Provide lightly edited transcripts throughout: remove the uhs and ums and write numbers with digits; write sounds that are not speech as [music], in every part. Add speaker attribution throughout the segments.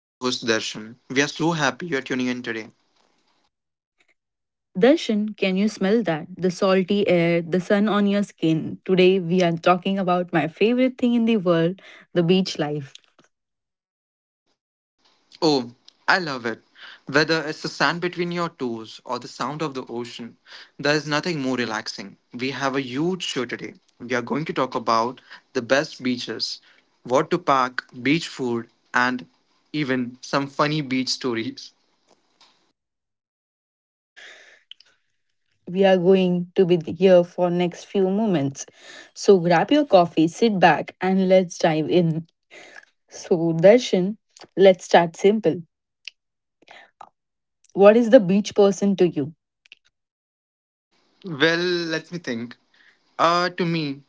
Speaker 1: And I'm your co host Darshan. We are so happy you're tuning in today.
Speaker 2: Darshan, can you smell that? The salty air, the sun on your skin. Today, we are talking about my favorite thing in the world the beach life.
Speaker 1: Oh, I love it. Whether it's the sand between your toes or the sound of the ocean, there is nothing more relaxing. We have a huge show today. We are going to talk about the best beaches, what to pack, beach food, and even some funny beach stories.
Speaker 2: We are going to be here for next few moments. So, grab your coffee, sit back, and let's dive in. So, Darshan, let's start simple. What is the beach person to you?
Speaker 1: Well, let me think. Uh, to me,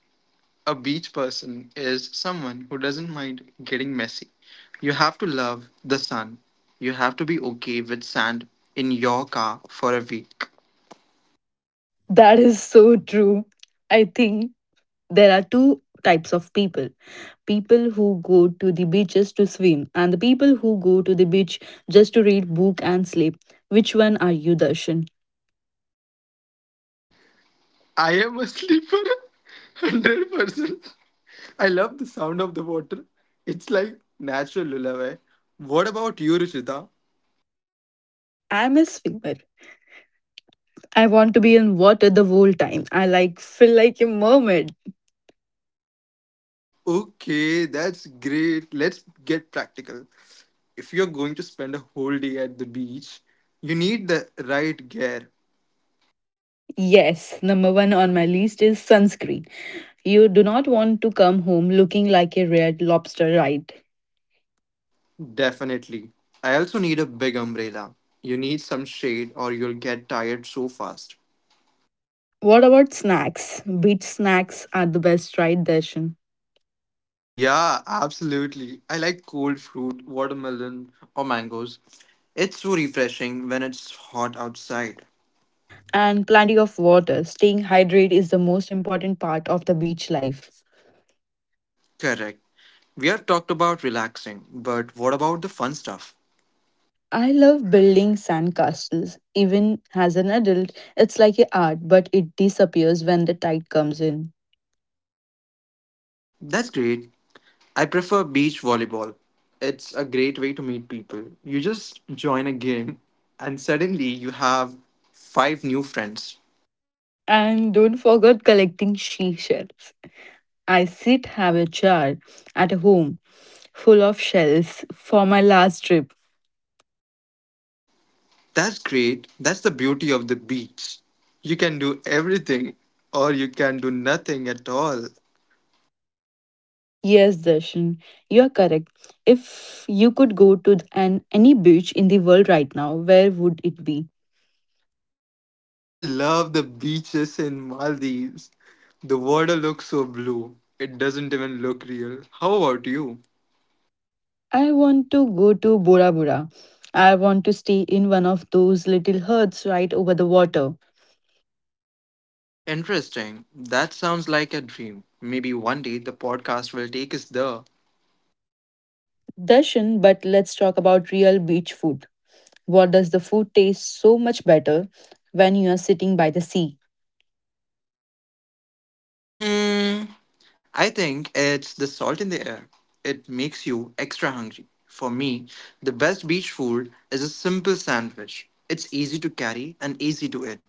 Speaker 1: A beach person is someone who doesn't mind getting messy. You have to love the sun. You have to be okay with sand in your car for a week.
Speaker 2: That is so true. I think there are two types of people people who go to the beach just to swim and the people who go to the beach just to read book and sleep. Which one are you, Darshan?
Speaker 1: I am a sleeper, [laughs] 100%. I love the sound of the water. It's like natural lullaby. What about you, Ruchita?
Speaker 2: I'm a swimmer. I want to be in water the whole time. I like feel like a mermaid.
Speaker 1: Okay, that's great. Let's get practical. If you're going to spend a whole day at the beach, you need the right gear.
Speaker 2: Yes, number one on my list is sunscreen. You do not want to come home looking like a red lobster, right?
Speaker 1: Definitely. I also need a big umbrella. You need some shade or you'll get tired so fast.
Speaker 2: What about snacks? Beach snacks are the best, right, Darshan?
Speaker 1: Yeah, absolutely. I like cold fruit, watermelon, or mangoes. It's so refreshing when it's hot outside.
Speaker 2: And plenty of water. Staying hydrated is the most important part of the beach life.
Speaker 1: Correct. We have talked about relaxing, but what about the fun stuff?
Speaker 2: I love building sandcastles. Even as an adult, it's like a art, but it disappears when the tide comes in.
Speaker 1: That's great. I prefer beach volleyball. It's a great way to meet people. You just join a game, and suddenly you have five new friends.
Speaker 2: And don't forget collecting seashells. I sit have a jar at home full of shells for my last trip.
Speaker 1: That's great. That's the beauty of the beach. You can do everything or you can do nothing at all.
Speaker 2: Yes, Darshan, you are correct. If you could go to an any beach in the world right now, where would it be?
Speaker 1: I love the beaches in Maldives. The water looks so blue. It doesn't even look real. How about you?
Speaker 2: I want to go to Bora Bora. I want to stay in one of those little huts right over the water.
Speaker 1: Interesting. That sounds like a dream. Maybe one day the podcast will take us there.
Speaker 2: Darshan, but let's talk about real beach food. What does the food taste so much better when you are sitting by the sea?
Speaker 1: Hmm. I think it's the salt in the air. It makes you extra hungry. For me, the best beach food is a simple sandwich. It's easy to carry and easy to eat.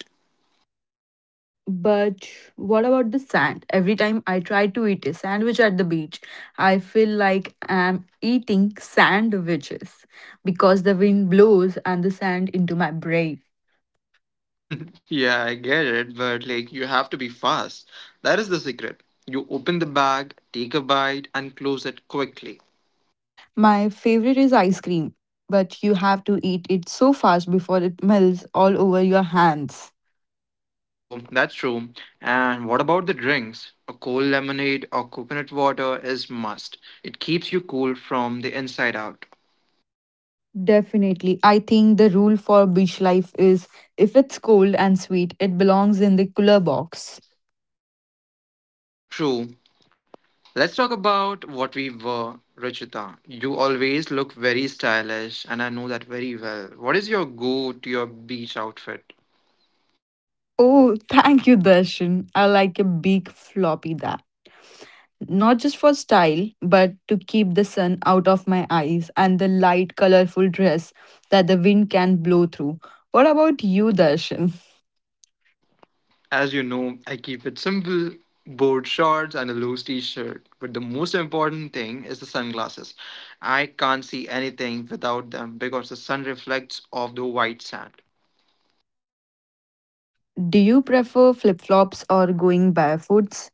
Speaker 2: But what about the sand? Every time I try to eat a sandwich at the beach, I feel like I'm eating sandwiches because the wind blows and the sand into my brain.
Speaker 1: [laughs] yeah, I get it, but like you have to be fast. That is the secret. You open the bag, take a bite, and close it quickly.
Speaker 2: My favorite is ice cream, but you have to eat it so fast before it melts all over your hands.
Speaker 1: Oh, that's true. And what about the drinks? A cold lemonade or coconut water is must. It keeps you cool from the inside out.
Speaker 2: Definitely. I think the rule for beach life is if it's cold and sweet, it belongs in the cooler box.
Speaker 1: True, let's talk about what we were, Ruchita. You always look very stylish, and I know that very well. What is your go to your beach outfit?
Speaker 2: Oh, thank you, Darshan. I like a big floppy that. Not just for style, but to keep the sun out of my eyes and the light, colorful dress that the wind can blow through. What about you, Darshan?
Speaker 1: As you know, I keep it simple board shorts and a loose t shirt. But the most important thing is the sunglasses. I can't see anything without them because the sun reflects off the white sand.
Speaker 2: Do you prefer flip flops or going barefoots?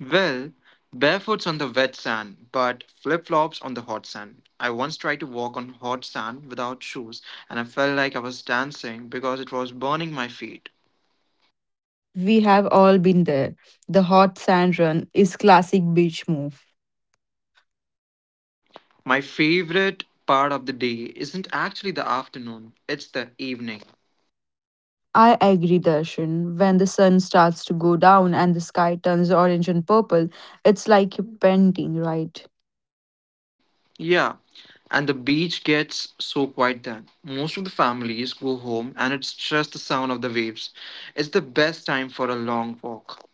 Speaker 1: Well, barefoots on the wet sand, but flip flops on the hot sand. I once tried to walk on hot sand without shoes, and I felt like I was dancing because it was burning my feet.
Speaker 2: We have all been there. The hot sand run is classic beach move.
Speaker 1: Yeah, my favorite part of the day isn't actually the afternoon, it's the evening.
Speaker 2: I agree, Darshan. When the sun starts to go down and the sky turns orange and purple, it's like you're painting, right?
Speaker 1: Yeah, yeah, and the beach gets so quiet then. Most of the families go home, and it's just the sound of the waves. It's the best time for a long walk.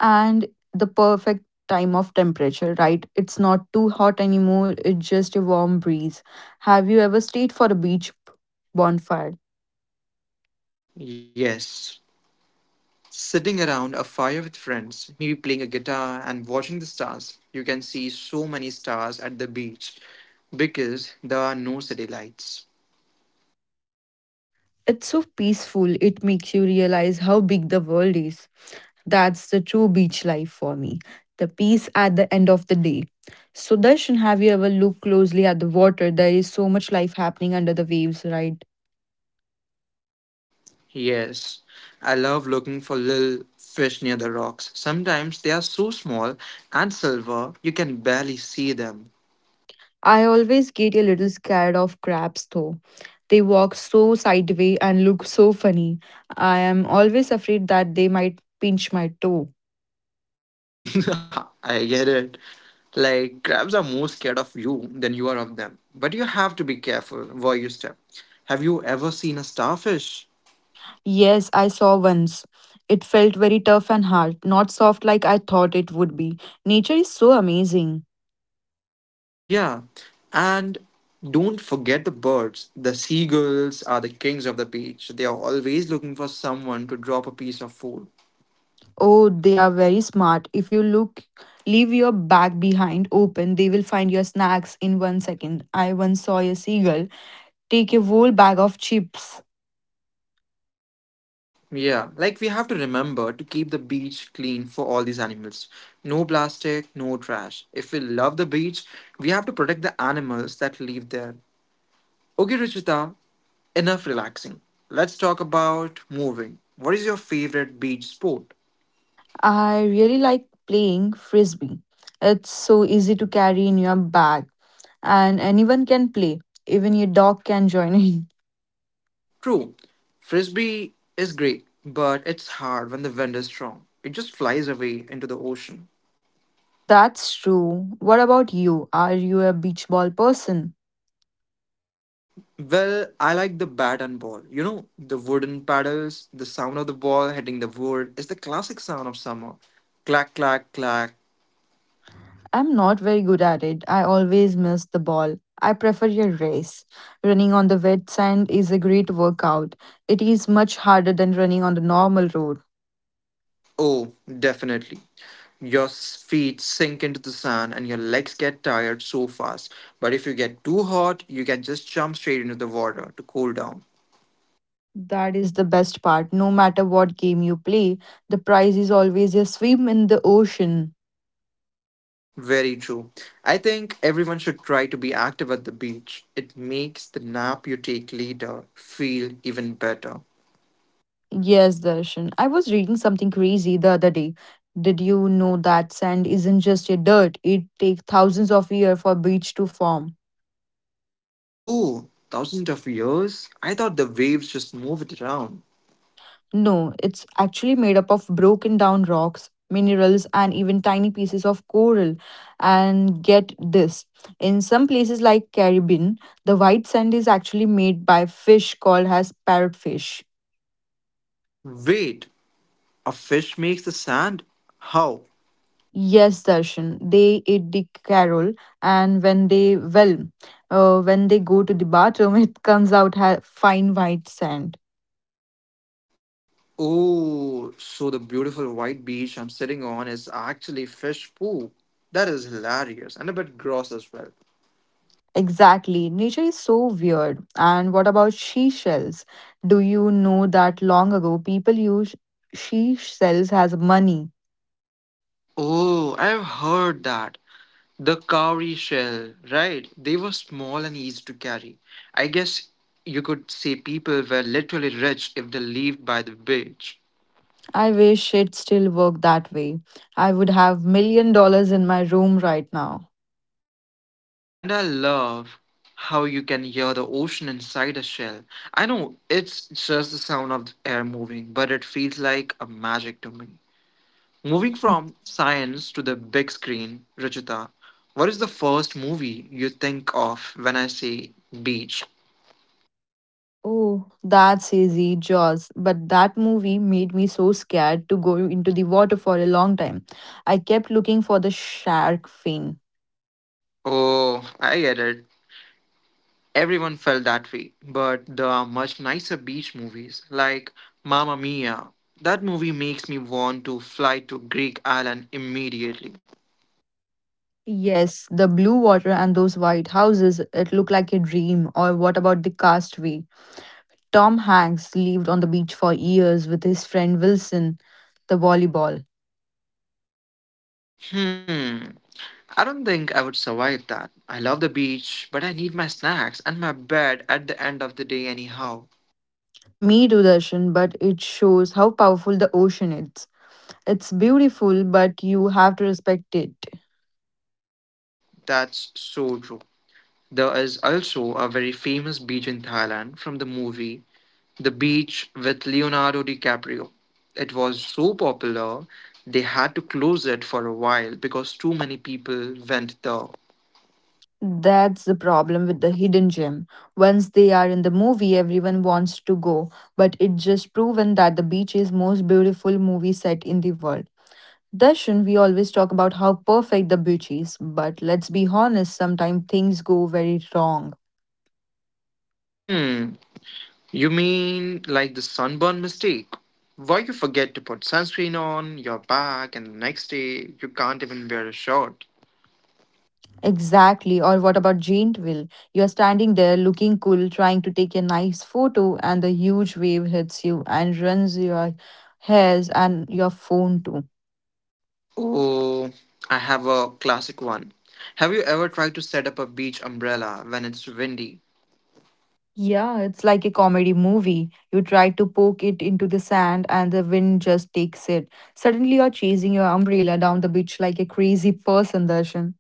Speaker 2: And the perfect time of temperature, right? It's not too hot anymore, it's just a warm breeze. Have you ever stayed for a beach bonfire?
Speaker 1: Yes. Sitting around a fire with friends, maybe playing a guitar and watching the stars, you can see so many stars at the beach because there are no city lights.
Speaker 2: It's so peaceful, it makes you realize how big the world is. That's the true beach life for me, the peace at the end of the day. So, Darshan, have you ever looked closely at the water? There is so much life happening under the waves, right?
Speaker 1: Yes, I love looking for little fish near the rocks. Sometimes they are so small and silver you can barely see them.
Speaker 2: I always get a little scared of crabs though. They walk so sideways and look so funny. I am always afraid that they might pinch my toe.
Speaker 1: [laughs] I get it. Like, crabs are more scared of you than you are of them. But you have to be careful where you step. Have you ever seen a starfish?
Speaker 2: Yes, I saw once. It felt very tough and hard, not soft like I thought it would be. Nature is so amazing.
Speaker 1: Yeah, and don't forget the birds. The seagulls are the kings of the beach. They are always looking for someone to drop a piece of food.
Speaker 2: Oh, they are very smart. If you look, leave your bag behind open, they will find your snacks in 1 second. I once saw a seagull take a whole bag of chips.
Speaker 1: Yeah, like we have to remember to keep the beach clean for all these animals. No plastic, no trash. If we love the beach, we have to protect the animals that live there. Okay, Ruchita, enough relaxing. Let's talk about moving. What is your favorite beach sport?
Speaker 2: I really like playing frisbee. It's so easy to carry in your bag, and anyone can play. Even your dog can join in.
Speaker 1: True, frisbee is great, but it's hard when the wind is strong. It just flies away into the ocean.
Speaker 2: [laughs] That's true. What about you? Are you a beach ball person?
Speaker 1: Well, I like the bat and ball. You know, the wooden paddles, the sound of the ball hitting the wood is the classic sound of summer. Clack, clack, clack.
Speaker 2: I'm not very good at it. I always miss the ball. I prefer a race. Running on the wet sand is a great workout. It is much harder than running on the normal road.
Speaker 1: Oh, definitely. Your feet sink into the sand and your legs get tired so fast. But if you get too hot, you can just jump straight into the water to cool down.
Speaker 2: That is the best part. No matter what game you play, the prize is always a swim in the ocean.
Speaker 1: Very true. I think everyone should try to be active at the beach. It makes the nap you take later feel even better.
Speaker 2: Yes, Darshan. I was reading something crazy the other day. Did you know that sand isn't just a dirt? It takes thousands of years for beach to form.
Speaker 1: Oh, thousands of years? I thought the waves just moved around.
Speaker 2: No, it's actually made up of broken down rocks, minerals, and even tiny pieces of coral. And get this in some places like Caribbean, the white sand is actually made by fish called as parrotfish.
Speaker 1: Wait, a fish makes the sand? How?
Speaker 2: Yes, Darshan, they eat the coral, and when they go to the bathroom, [laughs] it comes out fine white sand.
Speaker 1: Oh, so the beautiful white beach I'm sitting on is actually fish poop. That is hilarious and a bit gross as well.
Speaker 2: Exactly. Nature is so weird. And what about she shells? Do you know that long ago people used she shells as money?
Speaker 1: Oh, I've heard that. The cowrie shell, right? They were small and easy to carry. I guess you could say people were literally rich if they lived by the beach.
Speaker 2: I wish it still worked that way. I would have million dollars in my room right now.
Speaker 1: And I love how you can hear the ocean inside a shell. I know it's just the sound of the air moving, but it feels like a magic to me. Moving from science to the big screen, Ruchita, what is the first movie you think of when I say beach?
Speaker 2: Oh, that's easy, Jaws. But that movie made me so scared to go into the water for a long time. I kept looking for the shark fin.
Speaker 1: Oh, I get it. Everyone felt that way, but there are much nicer beach movies like Mamma Mia. That movie makes me want to fly to Greek island immediately.
Speaker 2: Yes, the blue water and those white houses, it looked like a dream. Or what about the castaway? Tom Hanks lived on the beach for years with his friend Wilson, the volleyball.
Speaker 1: Hmm, I don't think I would survive that. I love the beach, but I need my snacks and my bed at the end of the day, anyhow.
Speaker 2: Me too, Darshan, but it shows how powerful the ocean is. It's beautiful, but you have to respect it.
Speaker 1: That's so true. There is also a very famous beach in Thailand from the movie The Beach with Leonardo DiCaprio. It was so popular, they had to close it for a while because too many people went there.
Speaker 2: That's the problem with the hidden gem. Once they are in the movie, everyone wants to go, but it's just proven that the beach is most beautiful movie set in the world. Darshan, we always talk about how perfect the beach is, but let's be honest, sometimes things go very wrong.
Speaker 1: Hmm, you mean like the sunburn mistake? Why you forget to put sunscreen on your back and the next day you can't even wear a shirt?
Speaker 2: Exactly. Or what about Jaintville? You're standing there looking cool, trying to take a nice photo, and the huge wave hits you and runs your hairs and your phone too.
Speaker 1: Oh, I have a classic one. Have you ever tried to set up a beach umbrella when it's windy?
Speaker 2: Yeah, it's like a comedy movie. You try to poke it into the sand, and the wind just takes it. Suddenly, you're chasing your umbrella down the beach like a crazy person, Darshan.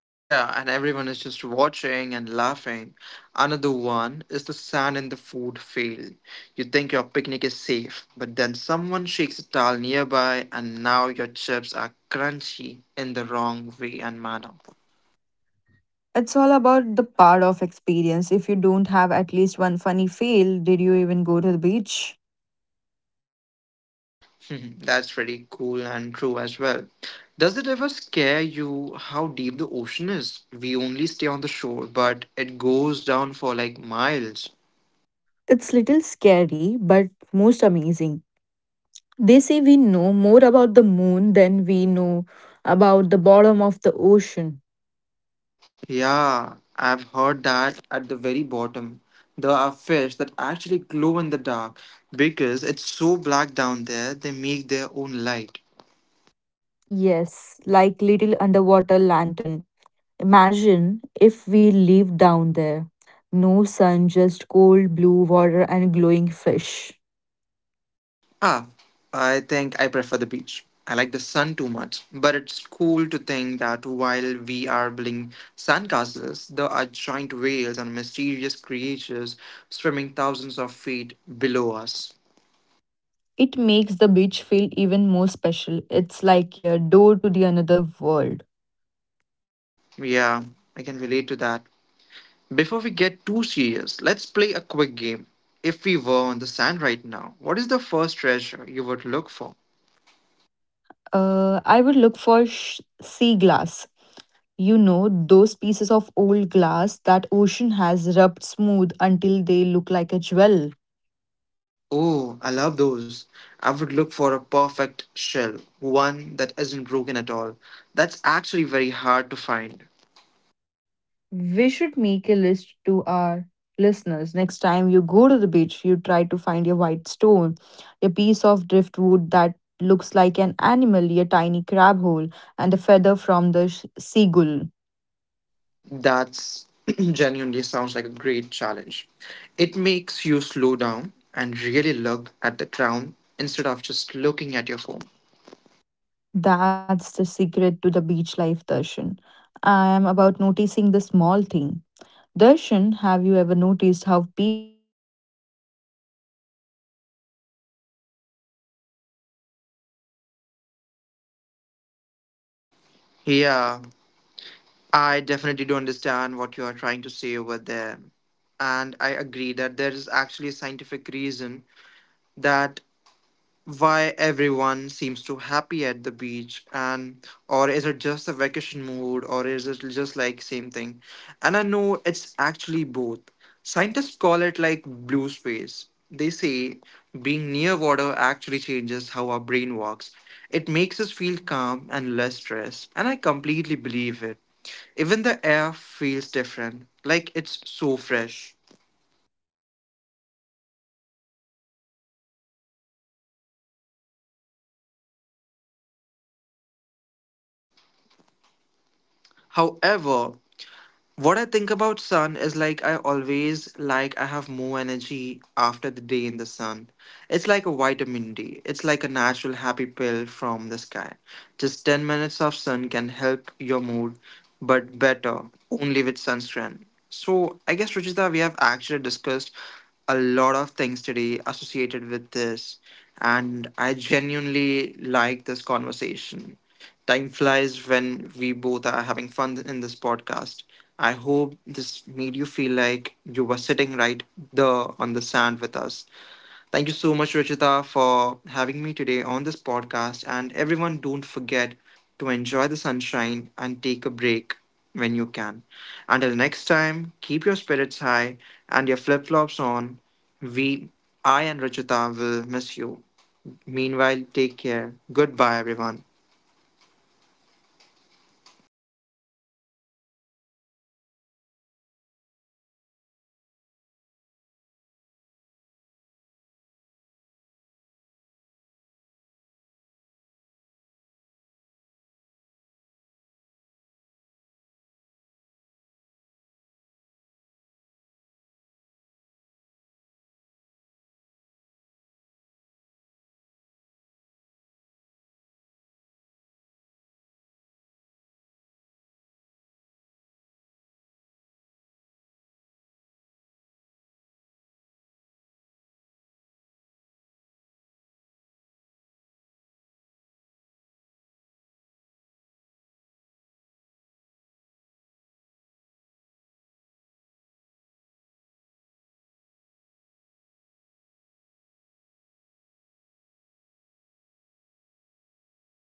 Speaker 1: Yeah, and everyone is just watching and laughing. Another one is the sand in the food field. You think your picnic is safe, but then someone shakes a towel nearby, and now your chips are crunchy in the wrong way and manner.
Speaker 2: It's all about the part of experience. If you don't have at least one funny fail, did you even go to the beach?
Speaker 1: [laughs] That's pretty cool and true as well. Does it ever scare you how deep the ocean is? We only stay on the shore, but it goes down for like miles.
Speaker 2: It's little scary, but most amazing. They say we know more about the moon than we know about the bottom of the ocean.
Speaker 1: Yeah, I've heard that at the very bottom. There are fish that actually glow in the dark because it's so black down there, they make their own light.
Speaker 2: Yes, like little underwater lantern. Imagine if we lived down there. No sun, just cold blue water and glowing fish.
Speaker 1: Ah, I think I prefer the beach. I like the sun too much, but it's cool to think that while we are building sandcastles, there are giant whales and mysterious creatures swimming thousands of feet below us.
Speaker 2: It makes the beach feel even more special. It's like a door to the another world.
Speaker 1: Yeah, I can relate to that. Before we get too serious, let's play a quick game. If we were on the sand right now, what is the first treasure you would look for?
Speaker 2: I would look for sea glass. You know, those pieces of old glass that ocean has rubbed smooth until they look like a jewel.
Speaker 1: Oh, I love those. I would look for a perfect shell, one that isn't broken at all. That's actually very hard to find.
Speaker 2: We should make a list to our listeners. Next time you go to the beach, you try to find your white stone, a piece of driftwood that looks like an animal, a tiny crab hole, and a feather from the seagull.
Speaker 1: That's [clears throat] genuinely sounds like a great challenge. It makes you slow down and really look at the ground instead of just looking at your phone.
Speaker 2: That's the secret to the beach life, Darshan. I am about noticing the small thing. Darshan, have you ever noticed
Speaker 1: Yeah, I definitely do understand what you are trying to say over there. And I agree that there is actually a scientific reason that why everyone seems to happy at the beach and or is it just a vacation mood or is it just like same thing, and I know it's actually both. Scientists call it like blue space. They say being near water actually changes how our brain works. It makes us feel calm and less stressed, and I completely believe it. Even the air feels different, like it's so fresh. However, what I think about sun is like I always like I have more energy after the day in the sun. It's like a vitamin D. It's like a natural happy pill from the sky. Just 10 minutes of sun can help your mood, but better only with sunscreen. So, I guess, Ruchita, we have actually discussed a lot of things today associated with this, and I genuinely like this conversation. Time flies when we both are having fun in this podcast. I hope this made you feel like you were sitting right there on the sand with us. Thank you so much, Rachita, for having me today on this podcast. And everyone, don't forget to enjoy the sunshine and take a break when you can. Until next time, keep your spirits high and your flip flops on. We, I and Rachita, will miss you. Meanwhile, take care. Goodbye, everyone.